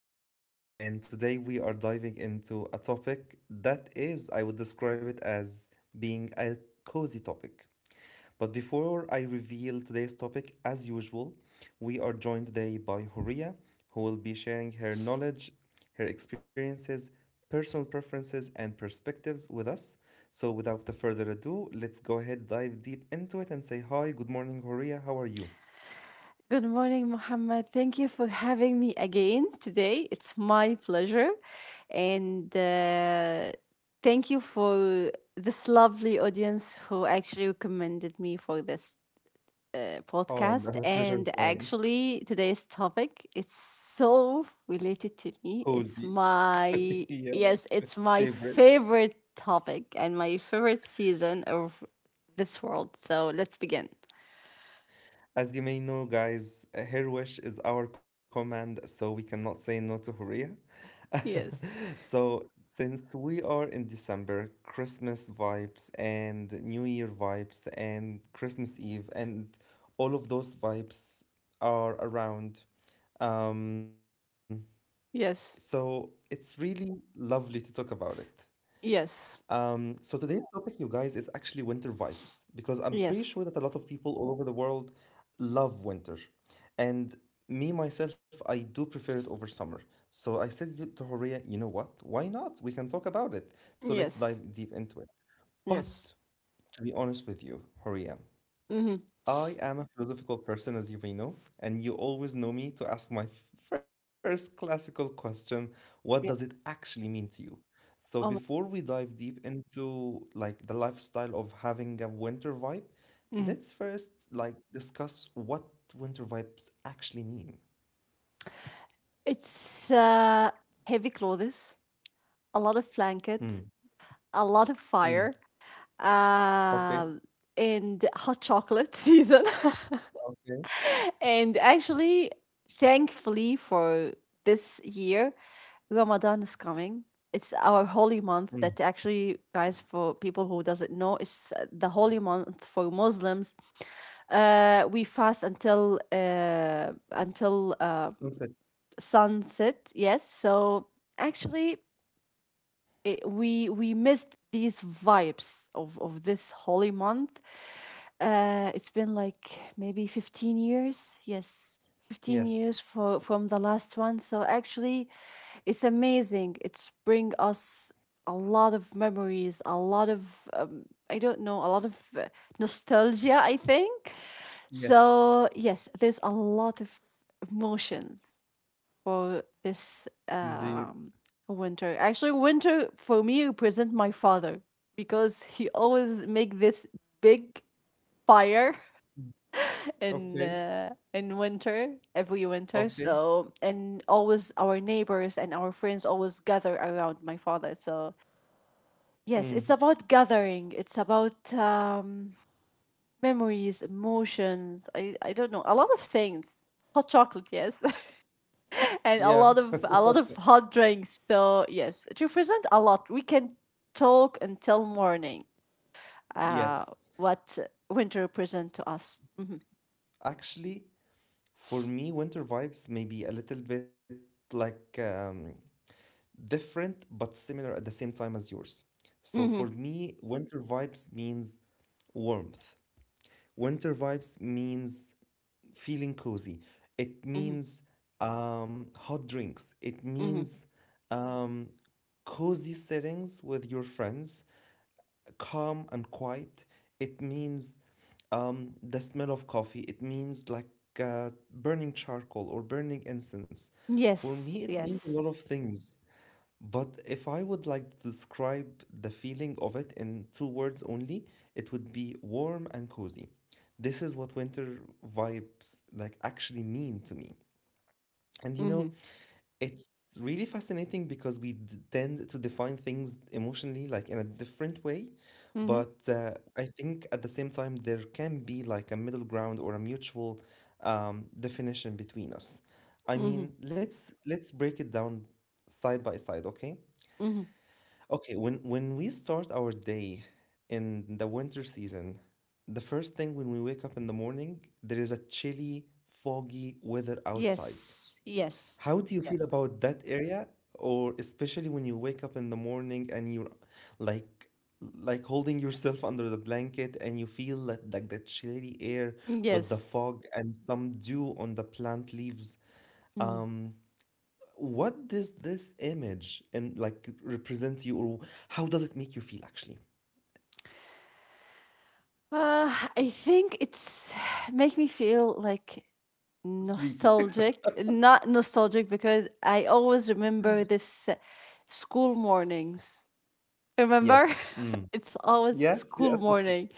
is Muhammad, and today we are diving into a topic that is, I would describe it as being a cozy topic. But before I reveal today's topic, as usual, we are joined today by Horia, who will be sharing her knowledge, her experiences, personal preferences, and perspectives with us. So, without the further ado, let's go ahead dive deep into it and say hi. Good morning, Horia. How are you? Good morning, Mohammed. Thank you for having me again today. It's my pleasure. And thank you for this lovely audience who actually recommended me for this Oh, podcast. the pleasure is And mine. actually, today's topic it's so related to me. Cozy. Yeah, It's my favorite. favorite topic and my favorite season of this world. So let's begin. As you may know, guys, her wish is our command, so we cannot say no to Horea. Yes. So, since we are in December, Christmas vibes and New Year vibes and Christmas Eve and all of those vibes are around. Um, so Yes. it's really lovely to talk about it. Yes. So today's topic, you guys, is actually winter vibes because I'm pretty sure that a Yes. lot of people all over the world love winter, and me myself, I do prefer it over summer. So I said to Horia, you know what? Why not? We can talk about it. So let's Yes. dive deep into it. But Yes. to be honest with you, Horia, Mm-hmm. I am a philosophical person, as you may know, and you always know me to ask my first classical question, what does it Yeah. actually mean to you? So Oh my. before we dive deep into like the lifestyle of having a winter vibe, let's Mhm. first like discuss what winter vibes actually mean. It's Heavy clothes, a lot of blanket, Mm, a lot of mm, fire, okay, um, and hot chocolate season. okay. And actually, thankfully for this year, Ramadan is coming. It's our holy month Mm, that actually, guys, for people who doesn't know, it's the holy month for Muslims. We fast until sunset. sunset. Yes, so actually, it, we missed these vibes of this holy month. It's been like maybe 15 years. Yes. 15 years Yes, for from the last one, so actually it's amazing. It's bring us a lot of memories, a lot of I don't know, a lot of nostalgia, I think. So yes, yes, there's a lot of emotions for this indeed. Winter. Actually, winter for me represent my father because he always make this big fire Mm, in okay, uh, in winter, every winter. okay. So and always our neighbors and our friends always gather around my father. So yes, it's Mm, about gathering. It's about memories, emotions. I don't know, a lot of things. Hot chocolate, yes, and a yeah, lot of a lot of hot drinks. So yes, it represents a lot. We can talk until morning. Uh, yes. what winter represent to us? Mm-hmm. Actually, for me, winter vibes may be a little bit like different but similar at the same time as yours. So for Mm-hmm. me, winter vibes means warmth. Winter vibes means feeling cozy. It Mm-hmm. means hot drinks. It Mm-hmm. means um, cozy settings with your friends, calm and quiet. It means the smell of coffee. It means like burning charcoal or burning incense. For Yes. me, it means a lot Yes. of things. But if I would like to describe the feeling of it in two words only, it would be warm and cozy. This is what winter vibes like actually mean to me. And you know, Mm-hmm. it's really fascinating because we tend to define things emotionally like in a different way, Mm-hmm. but I think at the same time there can be like a middle ground or a mutual definition between us. I Mm-hmm. mean, let's break it down side by side, okay? Mm-hmm. Okay, when we start our day in the winter season, the first thing when we wake up in the morning, there is a chilly, foggy weather outside. Yes. Yes. How do you feel Yes. about that area? Or especially when you wake up in the morning and you're like like holding yourself under the blanket and you feel that like the chilly air with the Yes. fog and some dew on the plant leaves. Mm. Um, what does this image and like represent to you or how does it make you feel actually? I think it's make me feel like Sleepy. nostalgic not nostalgic, because I always remember this school mornings, remember? Yes. Mm. It's always Yes, school yes. morning.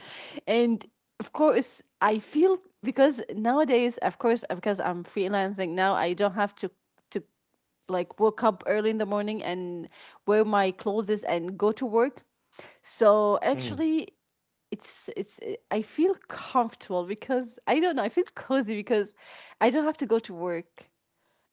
And of course I feel, because nowadays, of course, because I'm freelancing now, I don't have to like wake up early in the morning and wear my clothes and go to work. So Mm, actually, it's I feel comfortable because I don't know, I feel cozy because I don't have to go to work,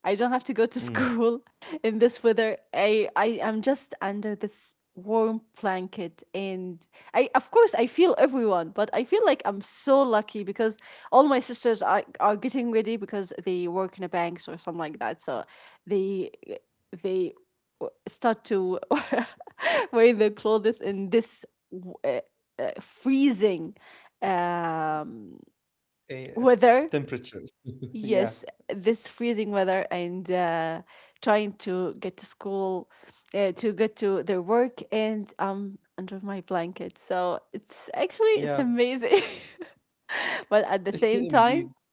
I don't have to go to mm. school in this weather. I am just under this warm blanket, and I, of course, I feel everyone, but I feel like I'm so lucky because all my sisters are getting ready because they work in a banks or something like that. So they they start to wear their clothes in this uh, freezing um, Eh, weather. temperature. Yeah. Yes, this freezing weather, and trying to get to school, to get to their work, and um, under my blanket. So it's actually it's Yeah, amazing, but at the same time, indeed.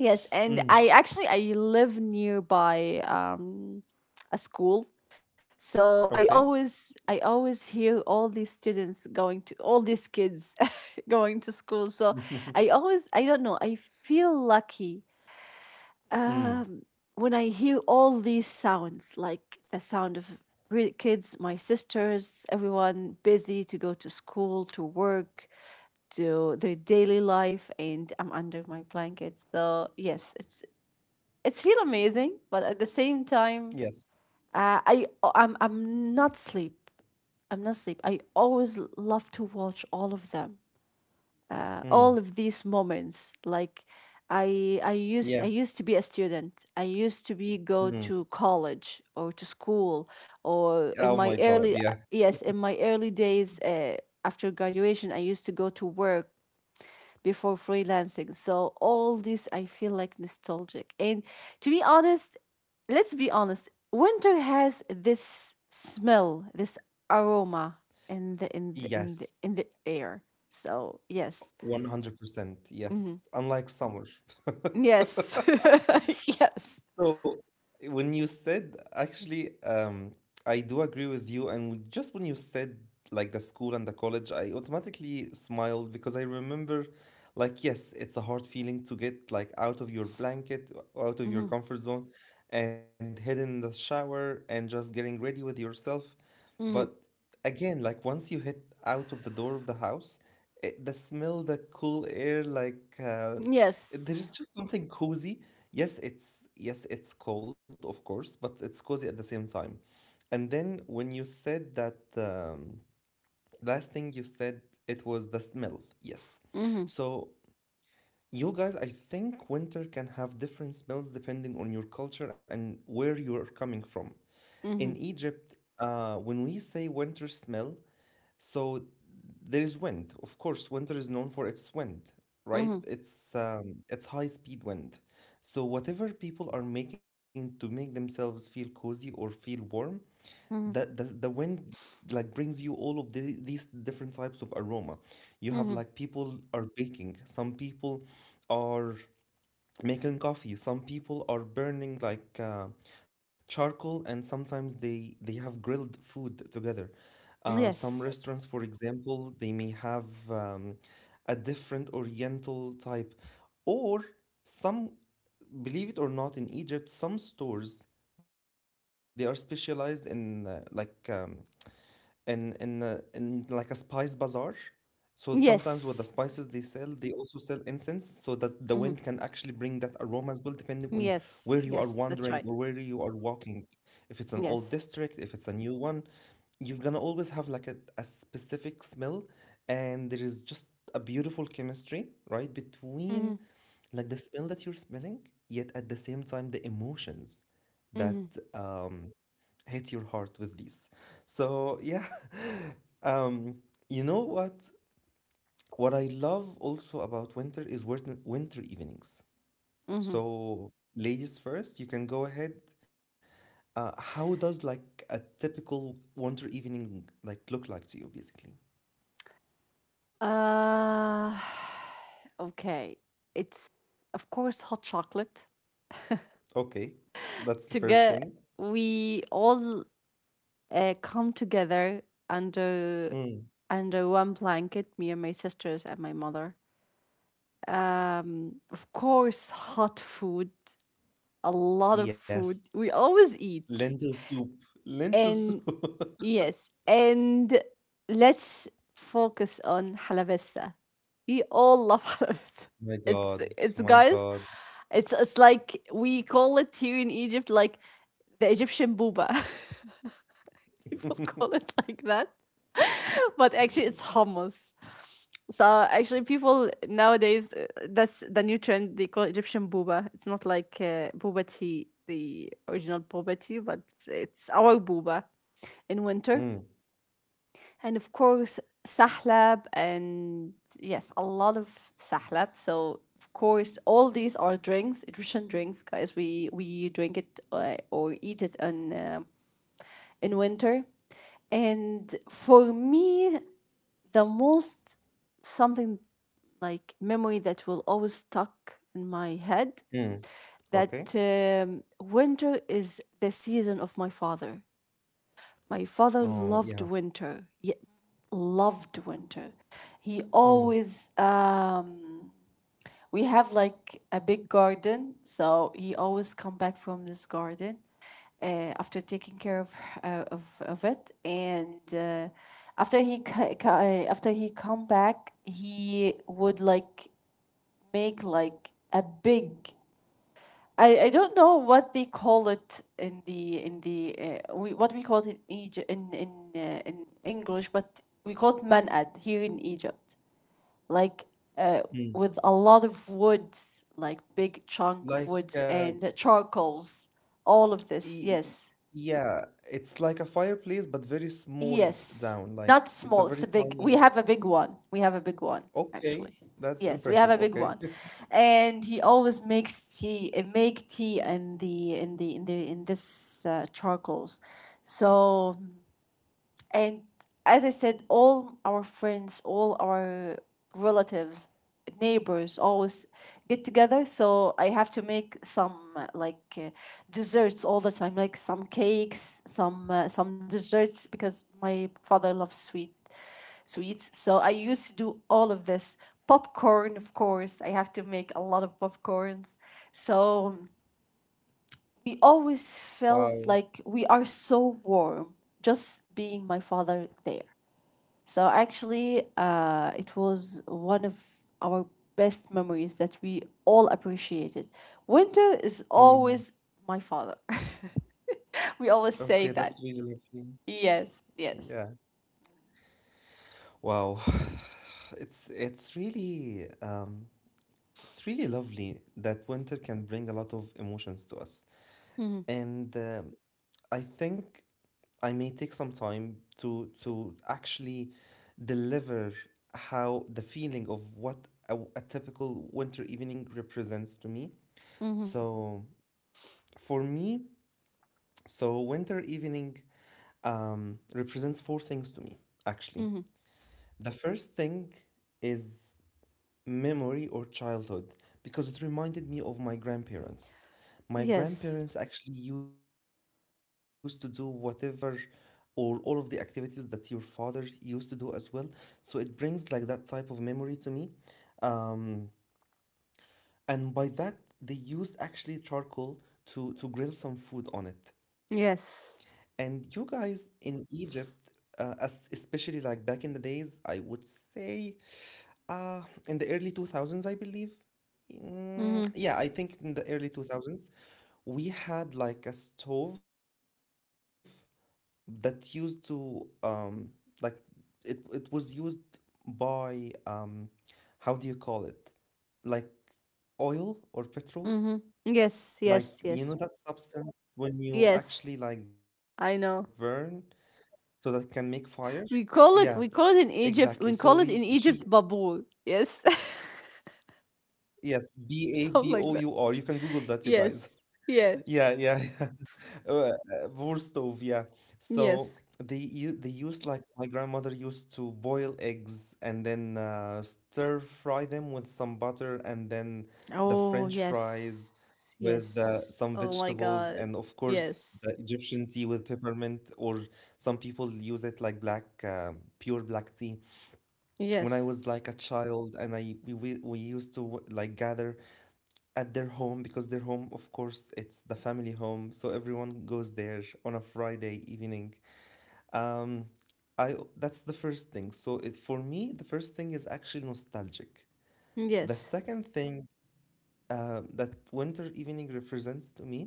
yes. And Mm. I actually I live nearby um, a school, so I Okay. always I always hear all these students going, to all these kids going to school. So I always, I don't know, I feel lucky Mm. um, when I hear all these sounds, like the sound of kids, my sisters, everyone busy to go to school, to work, to their daily life, and I'm under my blanket. So yes, it's feel amazing, but at the same time, Yes. I'm not sleep. I'm not sleep. I always love to watch all of them, all Mm. of these moments. Like I Yeah. used to be a student, I used to be go Mm. to college or to school, or in Oh my my God. early, Yeah. yes, in my early days, after graduation I used to go to work before freelancing. So all this I feel like nostalgic, and to be honest, let's be honest, winter has this smell, this aroma in the in the in the, Yes. in the air. So yes. 100%. Yes. Unlike summer. Yes. Yes. So when you said, actually, I do agree with you. And just when you said like the school and the college, I automatically smiled because I remember, like, yes, it's a hard feeling to get like out of your blanket, out of your Mm-hmm. comfort zone, and head in the shower and just getting ready with yourself. But Mm-hmm. again, like once you hit out of the door of the house, it, the smell, the cool air, like there Yes. is just something cozy. Yes, it's cold, of course, but it's cozy at the same time. And then when you said that last thing you said, it was the smell. Yes. Mm-hmm. So you guys, I think winter can have different smells depending on your culture and where you're coming from. In Mm-hmm. Egypt, when we say winter smell, so there is wind. Of course, winter is known for its wind, right? Mm-hmm. It's high speed wind. So whatever people are making to make themselves feel cozy or feel warm, Mm-hmm. that the wind like brings you all of the, these different types of aroma. You have Mm-hmm. like people are baking. Some people are making coffee, some people are burning like charcoal, and sometimes they have grilled food together. Some Yes. restaurants for example they may have a different oriental type, or some, believe it or not, in Egypt some stores, they are specialized in like in like a spice bazaar. So sometimes with the spices Yes. they sell, they also sell incense so that the wind can Mm-hmm. actually bring that aroma as well, depending on where you Yes. are Yes. wandering That's or right. where you are walking. If it's an old Yes. district, if it's a new one, you're gonna always have like a specific smell, and there is just a beautiful chemistry, right, between Mm-hmm. like the smell that you're smelling, yet at the same time the emotions that Mm-hmm. um hit your heart with these. So yeah, um, you know what? What I love also about winter is winter, winter evenings. Mm-hmm. So ladies first, you can go ahead. How does like a typical winter evening like look like to you, basically? Uh, okay. It's, of course, hot chocolate. Okay, that's the To first get, thing. we all come together under Mm. under one blanket, me and my sisters and my mother. Of course, hot food, a lot of Yes, food. We always eat. lentil soup. Lentil soup. And yes, and let's focus on حلبسة. We all love حلبسة. My It's God, it's my guys, God. it's like we call it here in Egypt like the Egyptian booba. People call it like that, but actually it's hummus. So actually, people nowadays, that's the new trend. They call Egyptian booba. It's not like booba tea, the original booba tea, but it's our booba in winter. Mm, And of course, sahlab, and yes, a lot of sahlab. So of course, all these are drinks, Egyptian drinks, guys. We drink it or eat it on in winter. And for me, the most something like memory that will always stuck in my head, mm. that Okay. Winter is the season of my father. My father Oh, loved yeah. winter. Loved winter. He Mm. always we have like a big garden, so he always come back from this garden after taking care of it, and after he come back, he would like make like a big. I don't know what they call it in the we what we call it in Egypt in English, but we call it manad here in Egypt, like uh, Mm. with a lot of woods, like big chunk of Like, woods and charcoals. All of this, y- y- yes, yeah, it's like a fireplace, but very yes. down. Like, Not it's a small. It's very a big. We tiny. have a big one. Okay, Actually. that's Yes, we have a impressive. big one, Okay, and he always makes tea. Uh, make tea in the in this charcoals. So And as I said, all our friends, all our relatives, neighbors always get together. So I have to make some like desserts all the time, like some cakes, some desserts, because my father loves sweets. So I used to do all of this. Popcorn, of course, I have to make a lot of popcorns. So we always felt wow. like we are so warm, just being my father there. So actually, it was one of our best memories that we all appreciated. Winter is Mm. always my father. We always Okay, say that's that. really lovely. Yes, yes. Yeah. Wow. It's it's really um it's really lovely that winter can bring a lot of emotions to us. Mm-hmm. And I think I may take some time to actually deliver how the feeling of what a typical winter evening represents to me. Mm-hmm. So for me, so winter evening represents four things to me actually. Mm-hmm. The first thing is memory or childhood because it reminded me of my grandparents. My Yes. grandparents actually used to do whatever or all of the activities that your father used to do as well. So it brings like that type of memory to me. Um, and by that, they used actually charcoal to grill some food on it. Yes. And you guys in Egypt, especially like back in the days, I would say uh, in the early 2000s, I believe. Mm, Mm-hmm. yeah, I think in the early 2000s, we had like a stove that used to like it it was used by how do you call it? Like oil or petrol, Mm-hmm. Yes. like Yes. you know Yes. that substance when you actually Yes. like burn I know. so that it can make fire. Yeah, exactly. So we she We call it in Egypt babul. Yes. Yes, Something Babour. like You that. can Google that, you guys. Yes. Yeah, yeah, Yes. yeah. Vorstov, yeah. So Yes. they you they used like my grandmother used to boil eggs and then stir fry them with some butter and then the Oh, French yes. fries with Yes. some Oh my vegetables, god. and of course Yes. the Egyptian tea with peppermint, or some people use it like black pure black tea when Yes. I was like a child, and I we used to like gather at their home because their home of course it's the family home, so everyone goes there on a Friday evening. Um I That's the first thing, so it for me the first thing is actually nostalgic. The Yes. second thing, that winter evening represents to me,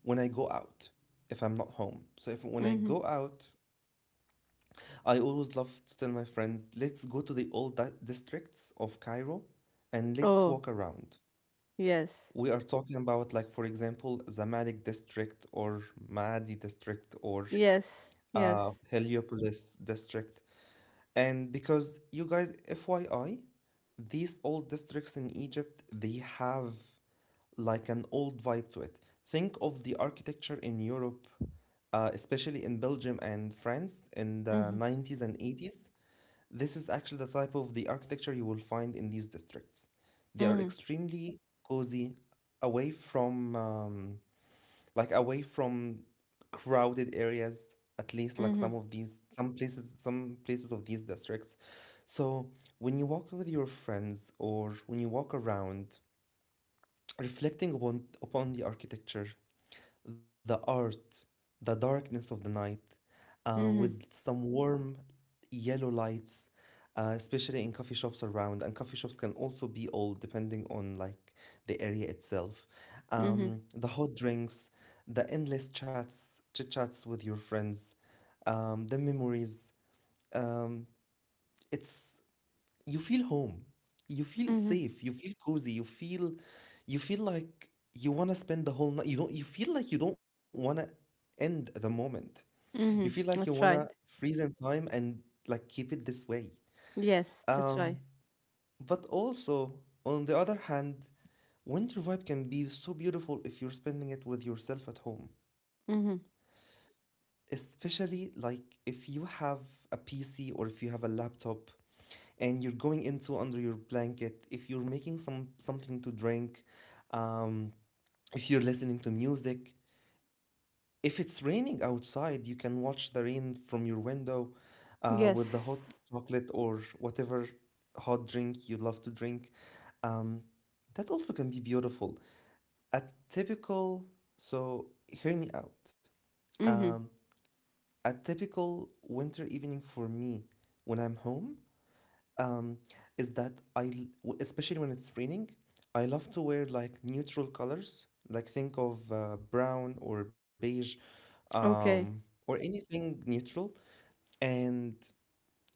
when I go out if I'm not home so if when I go Mm-hmm. out, I always love to tell my friends, let's go to the old districts of Cairo, and let's Oh, walk around. yes. We are talking about, like, for example, Zamalek district, or Maadi district, or Yes. Yes. Heliopolis district. And because you guys, FYI, these old districts in Egypt, they have like an old vibe to it. Think of the architecture in Europe, especially in Belgium and France in the Mm-hmm. 90s and 80s. This is actually the type of the architecture you will find in these districts. They Mm-hmm. are extremely cozy, away from away from crowded areas, at least like Mm-hmm. Some places of these districts. So when you walk with your friends, or when you walk around, reflecting upon the architecture, the art, the darkness of the night, Mm-hmm. with some warm yellow lights, especially in coffee shops around. And coffee shops can also be old, depending on like the area itself. Mm-hmm. The hot drinks, the endless chats, chit chats with your friends, the memories. Um, it's You feel home, you feel Mm-hmm. safe, you feel cozy, you feel like you want to spend the whole night. You feel like you don't want to end the moment. You feel Mm-hmm. like you want That's to right. freeze in time and like keep it this way. Yes, that's um right. but also, on the other hand, winter vibe can be so beautiful if you're spending it with yourself at home, Mm-hmm. especially like if you have a PC or if you have a laptop, and you're going into under your blanket, if you're making something to drink. um, if you're listening to music, if it's raining outside, you can watch the rain from your window, with the hot Yes. chocolate or whatever hot drink you love to drink. um, that also can be beautiful. A typical So hear me out. Mm-hmm. um, a typical winter evening for me when I'm home, um, is that especially when it's raining, I love to wear like neutral colors. Like, think of brown or beige, um, Okay. or anything neutral, and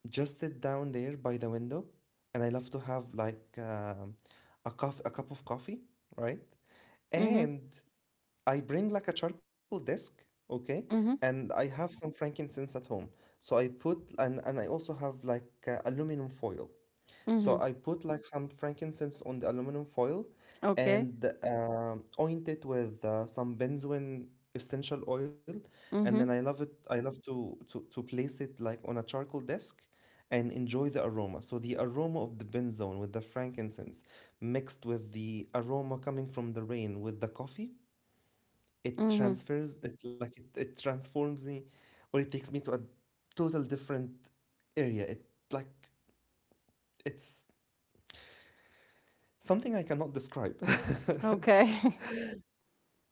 just sit down there by the window. And I love to have like a cup of coffee, right? Mm-hmm. And I bring like a charcoal desk, okay? Mm-hmm. And I have some frankincense at home. So and I also have like aluminum foil. Mm-hmm. So I put like some frankincense on the aluminum foil, Okay. and oint it with some benzoin essential oil. And then Mm-hmm. I love it. I love to place it like on a charcoal desk and enjoy the aroma. So the aroma of the benzoin with the frankincense mixed with the aroma coming from the rain with the coffee, it Mm-hmm. transfers it, like it transforms me, or it takes me to a total different area. Like it's something I cannot describe. Okay.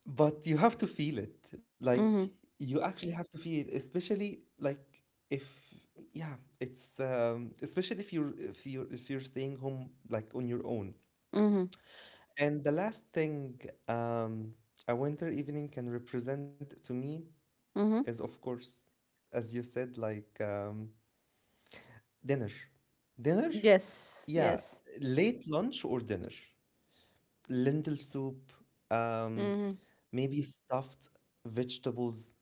But you have to feel it. Like, Mm-hmm. you actually have to feel it, especially like, if yeah, it's especially if you're staying home like on your own. Mm-hmm. And the last thing, um, a winter evening can represent to me is, Mm-hmm. of course, as you said, like, dinner. Dinner? Yes. Yeah, Yes. late lunch or dinner. Lentil soup, um, Mm-hmm. maybe stuffed vegetables,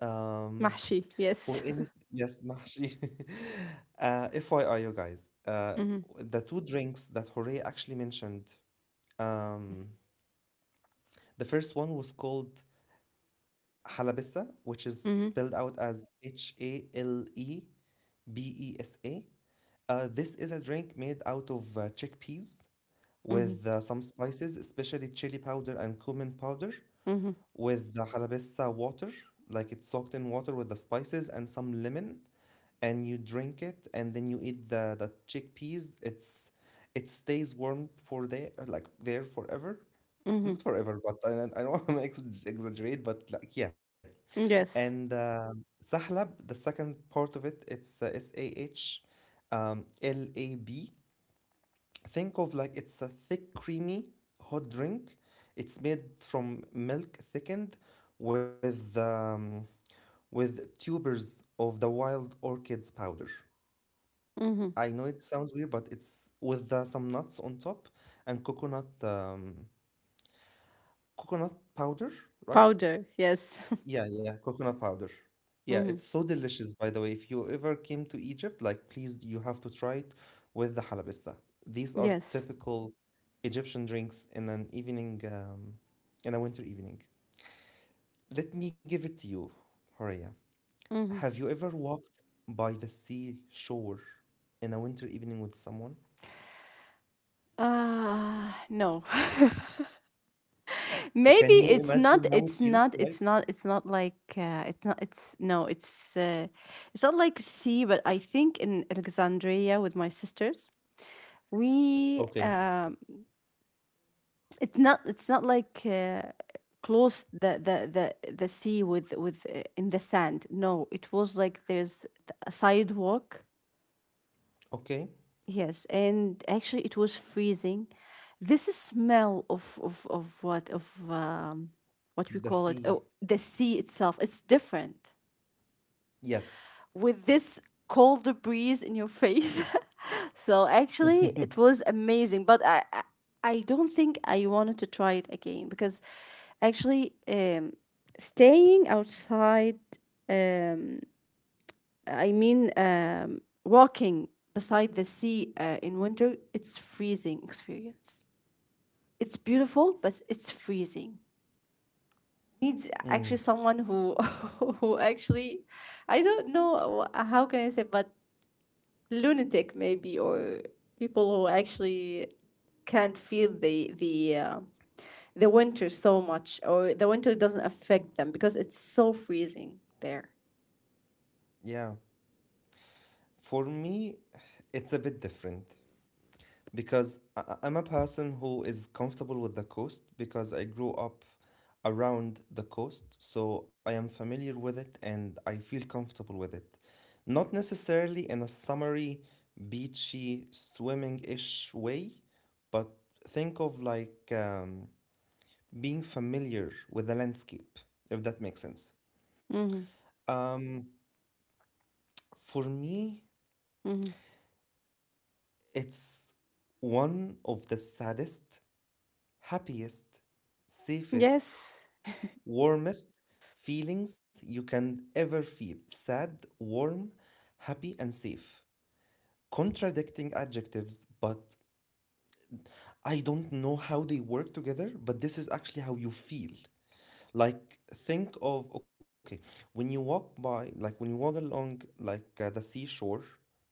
um, Mahshi, or yes. any yes, mahshi. FYI, you guys, Mhm, the two drinks that Jorge actually mentioned, um, the first one was called halabesa, which is spelled mhm, out as Halebesa. This is a drink made out of chickpeas mhm, with some spices, especially chili powder and cumin powder, mhm, with the jalapesa water, like it's soaked in water with the spices and some lemon, and you drink it, and then you eat the chickpeas. It stays warm for there, like there forever. mhm. Not forever, but I don't want to exaggerate, but like, yeah. Yes. And sahlab, the second part of it, it's S A H L A B. Think of, like, it's a thick, creamy hot drink. It's made from milk thickened with with tubers of the wild orchids powder. Mhm. I know it sounds weird, but it's with some nuts on top, and coconut powder, right? Powder, yes. Yeah, yeah, coconut powder. Yeah, Mhm. it's so delicious, by the way. If you ever came to Egypt, like, please, you have to try it with the halabista. These are Yes. typical Egyptian drinks in a winter evening. Let me give it to you, Horia. Mhm. Have you ever walked by the seashore in a winter evening with someone? Ah, no. Maybe Can you it's not imagine how it's it not feels it's like? not it's not like it's no, it's not like sea, but I think in Alexandria with my sisters, we Okay, um. It's not. It's not like close the the sea with in the sand. No, it was like there's a sidewalk. okay. Yes, and actually it was freezing. This smell of what of what we The call it. Oh, sea, the sea itself. It's different. yes. With this cold breeze in your face. So actually, it was amazing. But I don't think I wanted to try it again, because actually, staying outside, um, I mean, walking beside the sea in winter, it's freezing experience. It's beautiful, but it's freezing. Needs actually Mm, someone who who actually I don't know how can I say, but lunatic maybe, or people who actually can't feel the winter so much, or the winter doesn't affect them because it's so freezing there. yeah. For me, it's a bit different, because I'm a person who is comfortable with the coast because I grew up around the coast, so I am familiar with it and I feel comfortable with it. Not necessarily in a summery, beachy, swimming ish way, but think of, like, being familiar with the landscape, if that makes sense. Mm-hmm. Um, for me, Mm-hmm. it's one of the saddest, happiest, safest, Yes. warmest feelings you can ever feel. Sad, warm, happy, and safe. Contradicting adjectives, but I don't know how they work together, but this is actually how you feel. Like, think of, okay, when you walk by, like when you walk along, like the seashore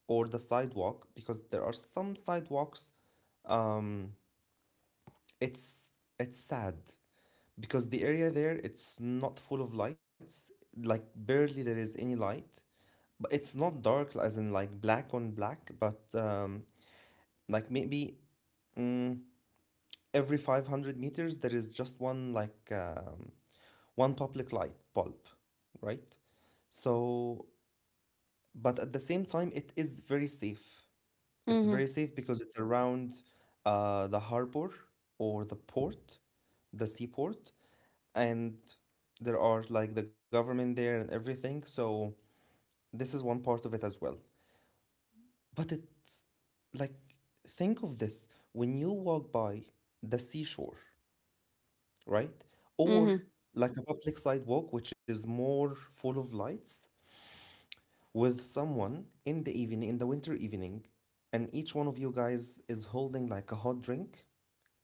or the sidewalk, because there are some sidewalks, um, it's it's sad because the area there, it's not full of lights, like barely there is any light, but it's not dark as in like black on black, but like maybe, mm, every 500 meters there is just one public light bulb, right? So, but at the same time, it is very safe. It's Mm-hmm. very safe because it's around the harbor, or the port, the seaport, and there are like the government there and everything. So this is one part of it as well. But, it's like think of this. When you walk by the seashore, right? Or Mm-hmm. like a public sidewalk which is more full of lights, with someone in the winter evening, and each one of you guys is holding like a hot drink,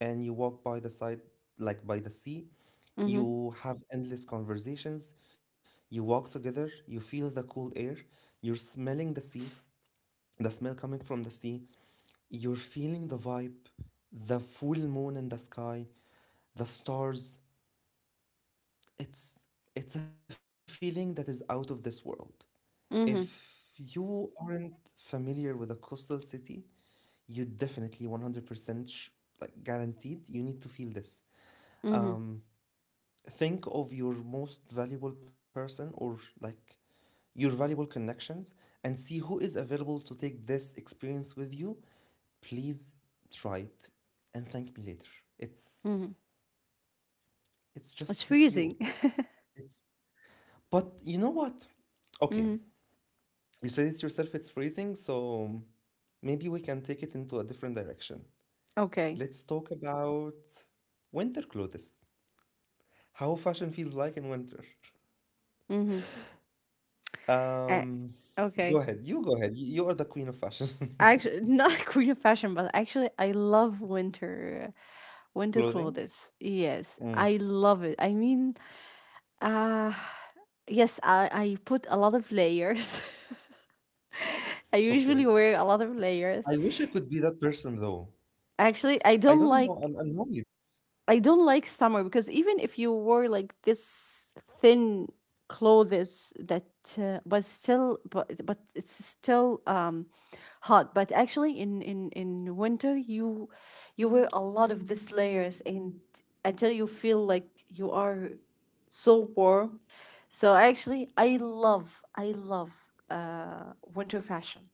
and you walk by the side, like by the sea. Mm-hmm. You have endless conversations. You walk together. You feel the cool air. You're smelling the sea, the smell coming from the sea. You're feeling the vibe, the full moon in the sky, the stars. It's it's a feeling that is out of this world. If Mm-hmm. you aren't familiar with a coastal city, you definitely 100% like, guaranteed, you need to feel this. Mm-hmm. Um. Think of your most valuable person, or like your valuable connections, and see who is available to take this experience with you. Please, try it, and thank me later. it's Mm-hmm. it's It's just makes you— freezing. it's but you know what? Okay, Mm-hmm. you said it yourself, it's freezing. So maybe we can take it into a different direction. Okay. Let's talk about winter clothes, how fashion feels like in winter. Mm-hmm. Uh, Um, Go okay. ahead. You go ahead. You are the queen of fashion. Actually, not queen of fashion, but actually, I love winter, winter Clothing? clothes. Yes, Mm, I love it. I mean, uh, yes, I put a lot of layers. I okay. usually wear a lot of I layers. wish I could be that person though. Actually, I don't know. I'm annoyed. I don't like summer, because even if you wore like this thin clothes that but still, but it's still um, hot. But actually in in winter, you wear a lot of these layers and until you feel like you are so warm. So actually, I love winter fashion.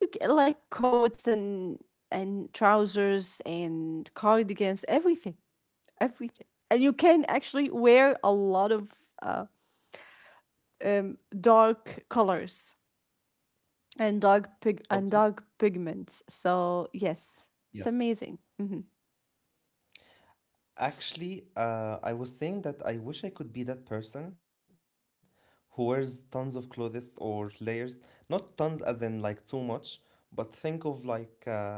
You get, like, coats and trousers and cardigans, everything, everything. And you can actually wear a lot of uh, dark colors and Okay. Dark pigments. So yes, it's Yes. amazing. Mhm. Actually, I was saying that I wish I could be that person who wears tons of clothes or layers. Not tons as in like too much, but think of like,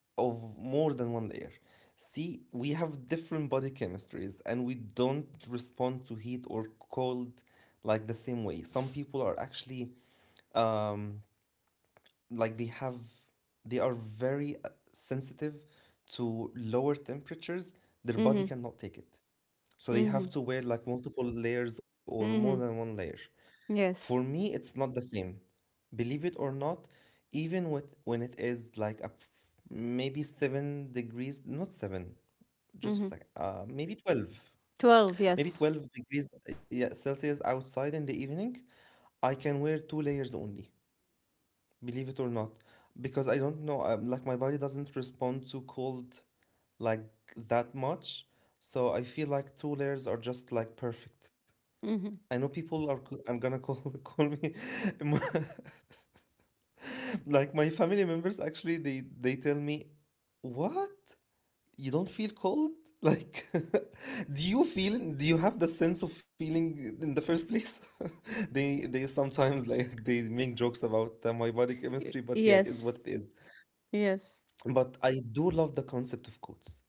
of more than one layer. See, we have different body chemistries and we don't respond to heat or cold like the same way. Some people are actually, um, like, they are very sensitive to lower temperatures. Their body Mhm. cannot take it. So they have Mhm. to wear like multiple layers or more than Mhm. one layer. For Yes. me, it's not the same, believe it or not. Even with, when it is like maybe 7 degrees, not 7, just Mhm. like maybe 12, 12, maybe yes. 12 degrees, yeah, celsius outside in the evening, I can wear two layers only, believe it or not, because I don't know, like my body doesn't respond to cold like that much. So I feel like two layers are just like perfect. Mhm. I know I'm gonna call, call me, emo- like my family members actually, they tell me, what, you don't feel cold? Like, do you have the sense of feeling in the first place? They sometimes like they make jokes about my body Y- chemistry, but yeah, it is Yes. what it is. Yes. But I do love the concept of coats.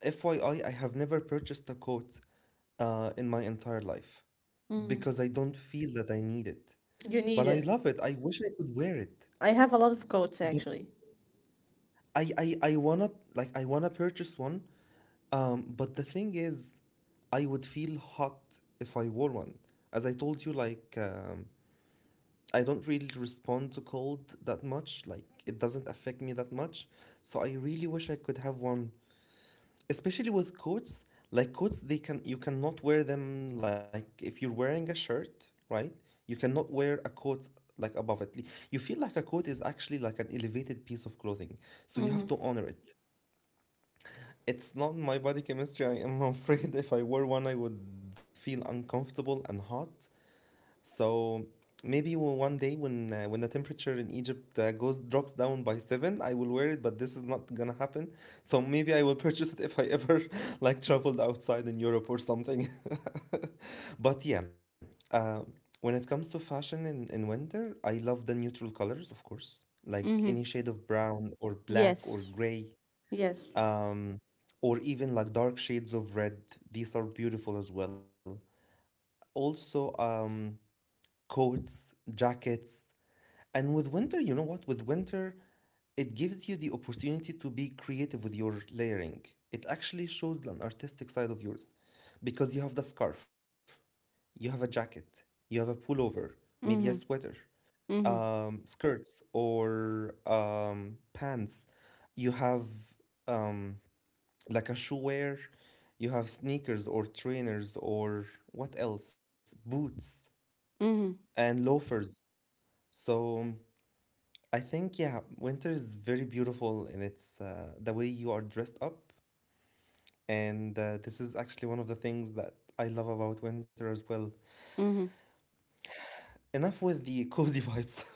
FYI, I have never purchased a coat in my entire life, because I don't feel that I need it. You But need I it. love it, I wish I could wear it. I have a lot of coats actually. I wanna purchase one. But the thing is, I would feel hot if I wore one. As I told you, like, I don't really respond to cold that much. Like, it doesn't affect me that much. So I really wish I could have one, especially with coats. Like, coats, they can you cannot wear them like if you're wearing a shirt, right? You cannot wear a coat like above it. You feel like a coat is actually like an elevated piece of clothing, so you have to honor it. It's not my body chemistry. I am afraid if I wore one, I would feel uncomfortable and hot. So maybe one day, when the temperature in Egypt goes drops down by 7, I will wear it. But this is not gonna happen. So maybe I will purchase it if I ever like traveled outside in Europe or something. But yeah, uh, when it comes to fashion in winter, I love the neutral colors, of course, like any shade Mhm. of brown or black or Yes. gray, Yes. um, or even like dark shades of red. These are beautiful as well. Also, coats, jackets. And with winter, you know what? With winter, it gives you the opportunity to be creative with your layering. It actually shows an artistic side of yours because you have the scarf, you have a jacket, you have a pullover, maybe a Mhm. sweater, Mhm. Skirts, or pants. You have um, like a shoe wear, you have sneakers or trainers or what else, boots Mhm. and loafers. So I think, yeah, winter is very beautiful in its the way you are dressed up. And this is actually one of the things that I love about winter as well. Mhm. Enough with the cozy vibes.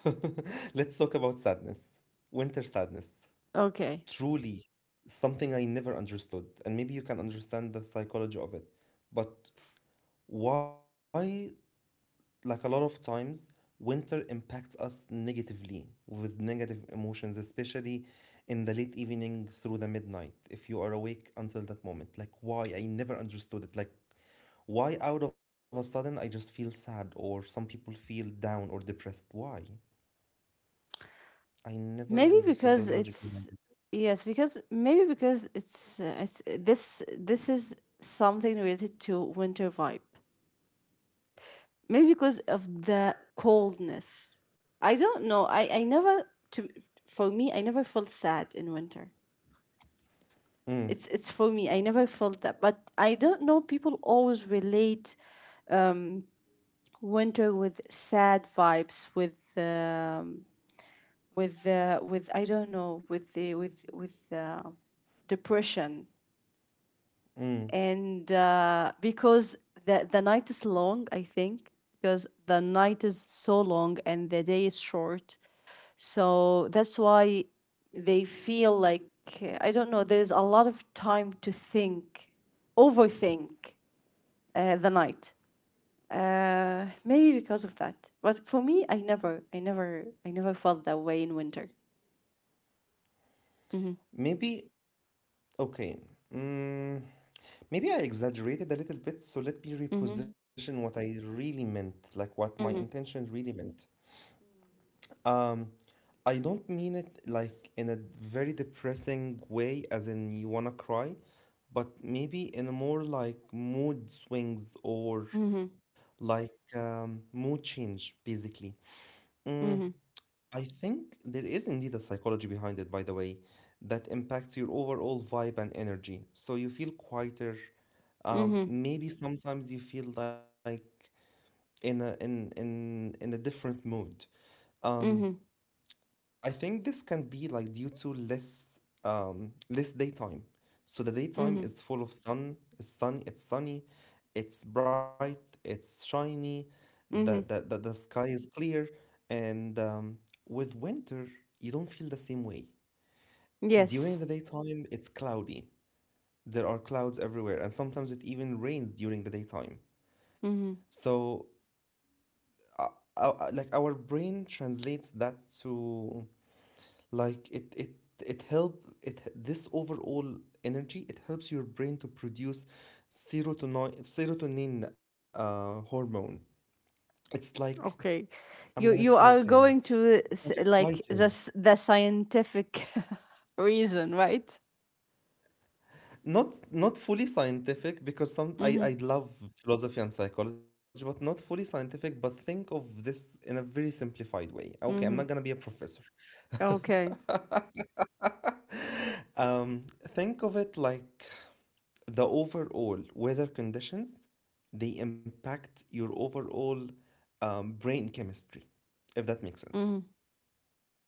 Let's talk about sadness, winter sadness. Okay. Truly something I never understood, and maybe you can understand the psychology of it. But why, like, a lot of times winter impacts us negatively with negative emotions, especially in the late evening through the midnight, if you are awake until that moment. Like, why? I never understood it. Like, why out of a sudden I just feel sad, or some people feel down or depressed? Why? I never Maybe understood because the logic it's, behind it. yes, because maybe because it's this is something related to winter vibe. Maybe because of the coldness. I don't know. I never to for me, I never felt sad in winter. Mm. It's for me. I never felt that, but I don't know. People always relate winter with sad vibes, with I don't know, with the with depression. Mm. And because the night is long, I think, because the night is so long and the day is short, so that's why they feel like I don't know. There's a lot of time to think, overthink the night. Maybe because of that. But for me, I never felt that way in winter. Mm-hmm. Maybe. Okay. mm, Maybe I exaggerated a little bit, so let me Mm-hmm. reposition what I really meant, like what my Mm-hmm. intention really meant. Um, I don't mean it like in a very depressing way, as in you wanna cry, but maybe in a more like mood swings or Mm-hmm. like mood change, basically. Mm, Mm-hmm. I think there is indeed a psychology behind it, by the way, that impacts your overall vibe and energy. So you feel quieter. Mm-hmm. Maybe sometimes you feel like in a different mood. Um, Mm-hmm. I think this can be like due to less less daytime. So the daytime Mm-hmm. is full of sun, it's sunny, it's bright, it's shiny, the the, Mm-hmm. the, the sky is clear, and with winter you don't feel the same way. During the Yes. daytime it's cloudy. There are clouds everywhere, and sometimes it even rains during the daytime. Mm-hmm. So uh, like our brain translates that to, like, it this overall energy, it helps your brain to produce serotonin, hormone. It's like, Okay, I'm gonna you feel you are okay, going to like a like quieter. The scientific reason, right? Not not fully scientific, because some, i Mm-hmm. i love philosophy and psychology, but not fully scientific. But think of this in a very simplified way. Okay, I'm not gonna Mm-hmm. be a professor. Okay. Um, think of it like the overall weather conditions, they impact your overall brain chemistry, if that makes sense, Mm-hmm.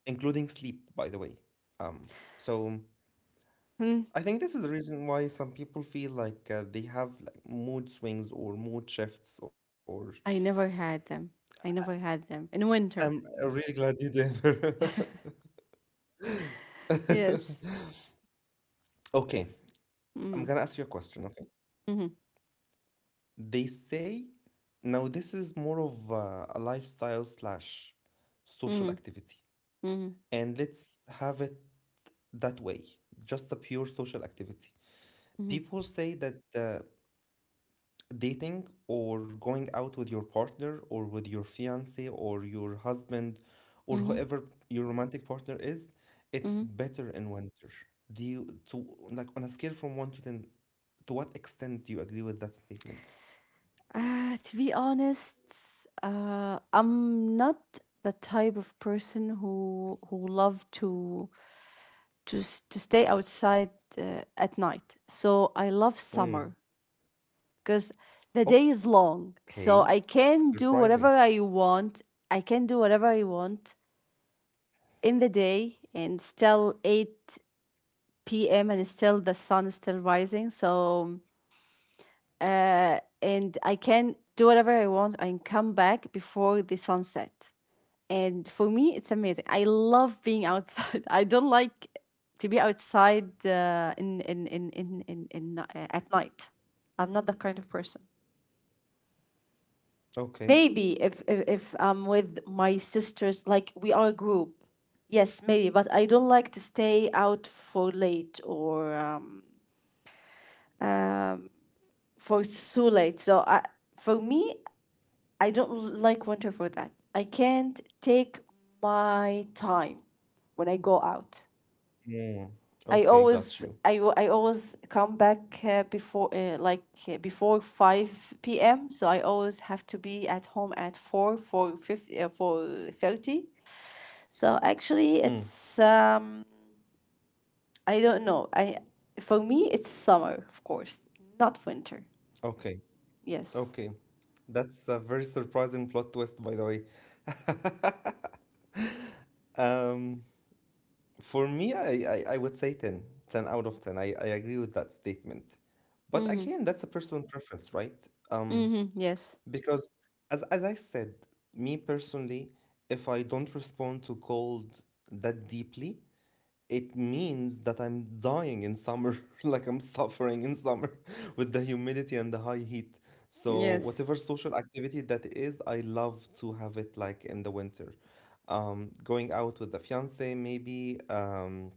including sleep, by the way. um, so Hmm. I think this is the reason why some people feel like they have like mood swings or mood shifts or. I never had them. I never had them in I'm winter. really glad you did. Yes. Okay, I'm Mm-hmm. gonna ask you a question. Okay, Mm-hmm. they say, now this is more of a lifestyle slash social Mm-hmm. activity, Mm-hmm. and let's have it that way, just a pure social activity. Mm-hmm. People say that dating or going out with your partner or with your fiance or your husband, or whoever your romantic partner is, it's better in winter. Do you to, like, on a scale from 1 to 10, to what extent do you agree with that statement? To be honest, I'm not the type of person who love to stay outside at night. So I love Mm. summer, because the day is long. Okay. So I can Surprising. do whatever I want. I can do whatever I want in the day and still 8 p.m. and still the sun is still rising. So, and I can do whatever I want and come back before the sunset. And for me, it's amazing. I love being outside. I don't like to be outside at night. I'm not that kind of person. Okay. Maybe if I'm with my sisters, like we are a group, yes, maybe. But I don't like to stay out for late, or for so late. So I, for me, I don't like winter for that. I can't take my time when I go out. Mm, okay, got you. I always come back before 5 p.m., so I always have to be at home at 4 for 50, for 30. So Mm, actually, it's I don't know. I For me, it's summer, of course, not winter. okay. Yes. Okay. That's a very surprising plot twist, by the way. Um, for me, I would say 10. 10 out of 10. I agree with that statement. But Mm-hmm. again, that's a personal preference, right? Um, Mm-hmm. Yes. because, as I said, me personally, if I don't respond to cold that deeply, it means that I'm dying in summer, like I'm suffering in summer with the humidity and the high heat. So Yes. whatever social activity that is, I love to have it like in the winter. Going out with the fiance, maybe,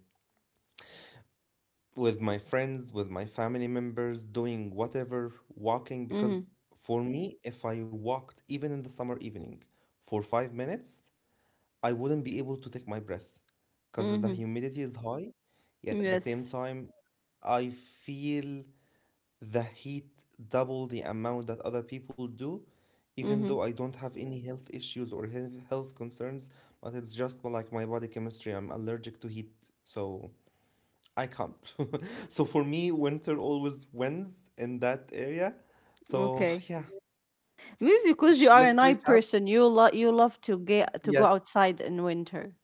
with my friends, with my family members, doing whatever, walking, Mm-hmm. because for me, if I walked even in the summer evening for 5 minutes, I wouldn't be able to take my breath because the Mm-hmm. humidity is high. Yet at the same Yes. time, I feel the heat double the amount that other people do, even Mm-hmm. though I don't have any health issues or health concerns, but it's just like my body chemistry. I'm allergic to heat, so I can't. So for me, winter always wins in that area. Okay. So yeah, Maybe because you are a let's night recap. person, you you love to get to go Yes, outside in winter.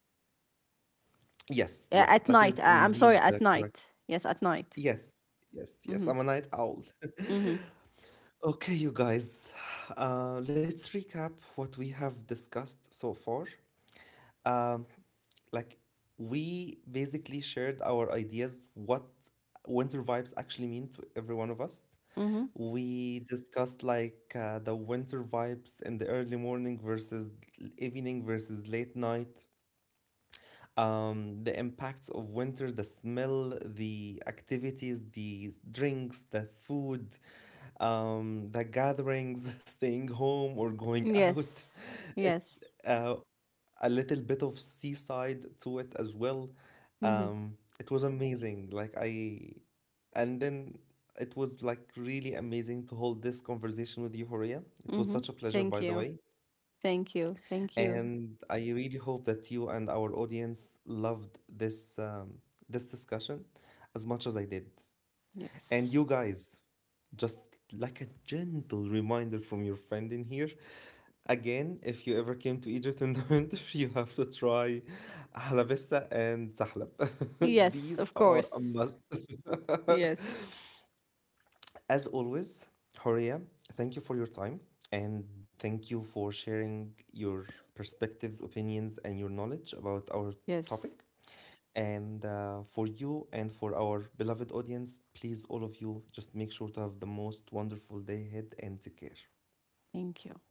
yes, Yeah, yes, at that night. is I'm indeed sorry, at correct. night. Yes, at night. Yes, yes, yes. Mm-hmm. I'm a night owl. Mm-hmm. Okay, you guys, let's recap what we have discussed so far. Um, like, we basically shared our ideas what winter vibes actually mean to every one of us. Mm-hmm. We discussed like the winter vibes in the early morning versus evening versus late night, the impacts of winter, the smell, the activities, the drinks, the food, the gatherings, staying home or going out. Yes. It's Yes. uh, a little bit of seaside to it as well. Mm-hmm. It was amazing. Like, and then it was like really amazing to hold this conversation with you, Horia. It was Mm-hmm. such a pleasure, Thank by the you. way. Thank you. Thank you. And I really hope that you and our audience loved this this discussion as much as I did. And Yes. you guys, just like a gentle reminder from your friend in here, again, if you ever came to Egypt in the winter, you have to try halabissa and zahlab. Yes, These of are a course. must. Yes. As always, Horia, thank you for your time and thank you for sharing your perspectives, opinions, and your knowledge about our Yes. topic. And for you and for our beloved audience, please, all of you, just make sure to have the most wonderful day ahead and take care. Thank you.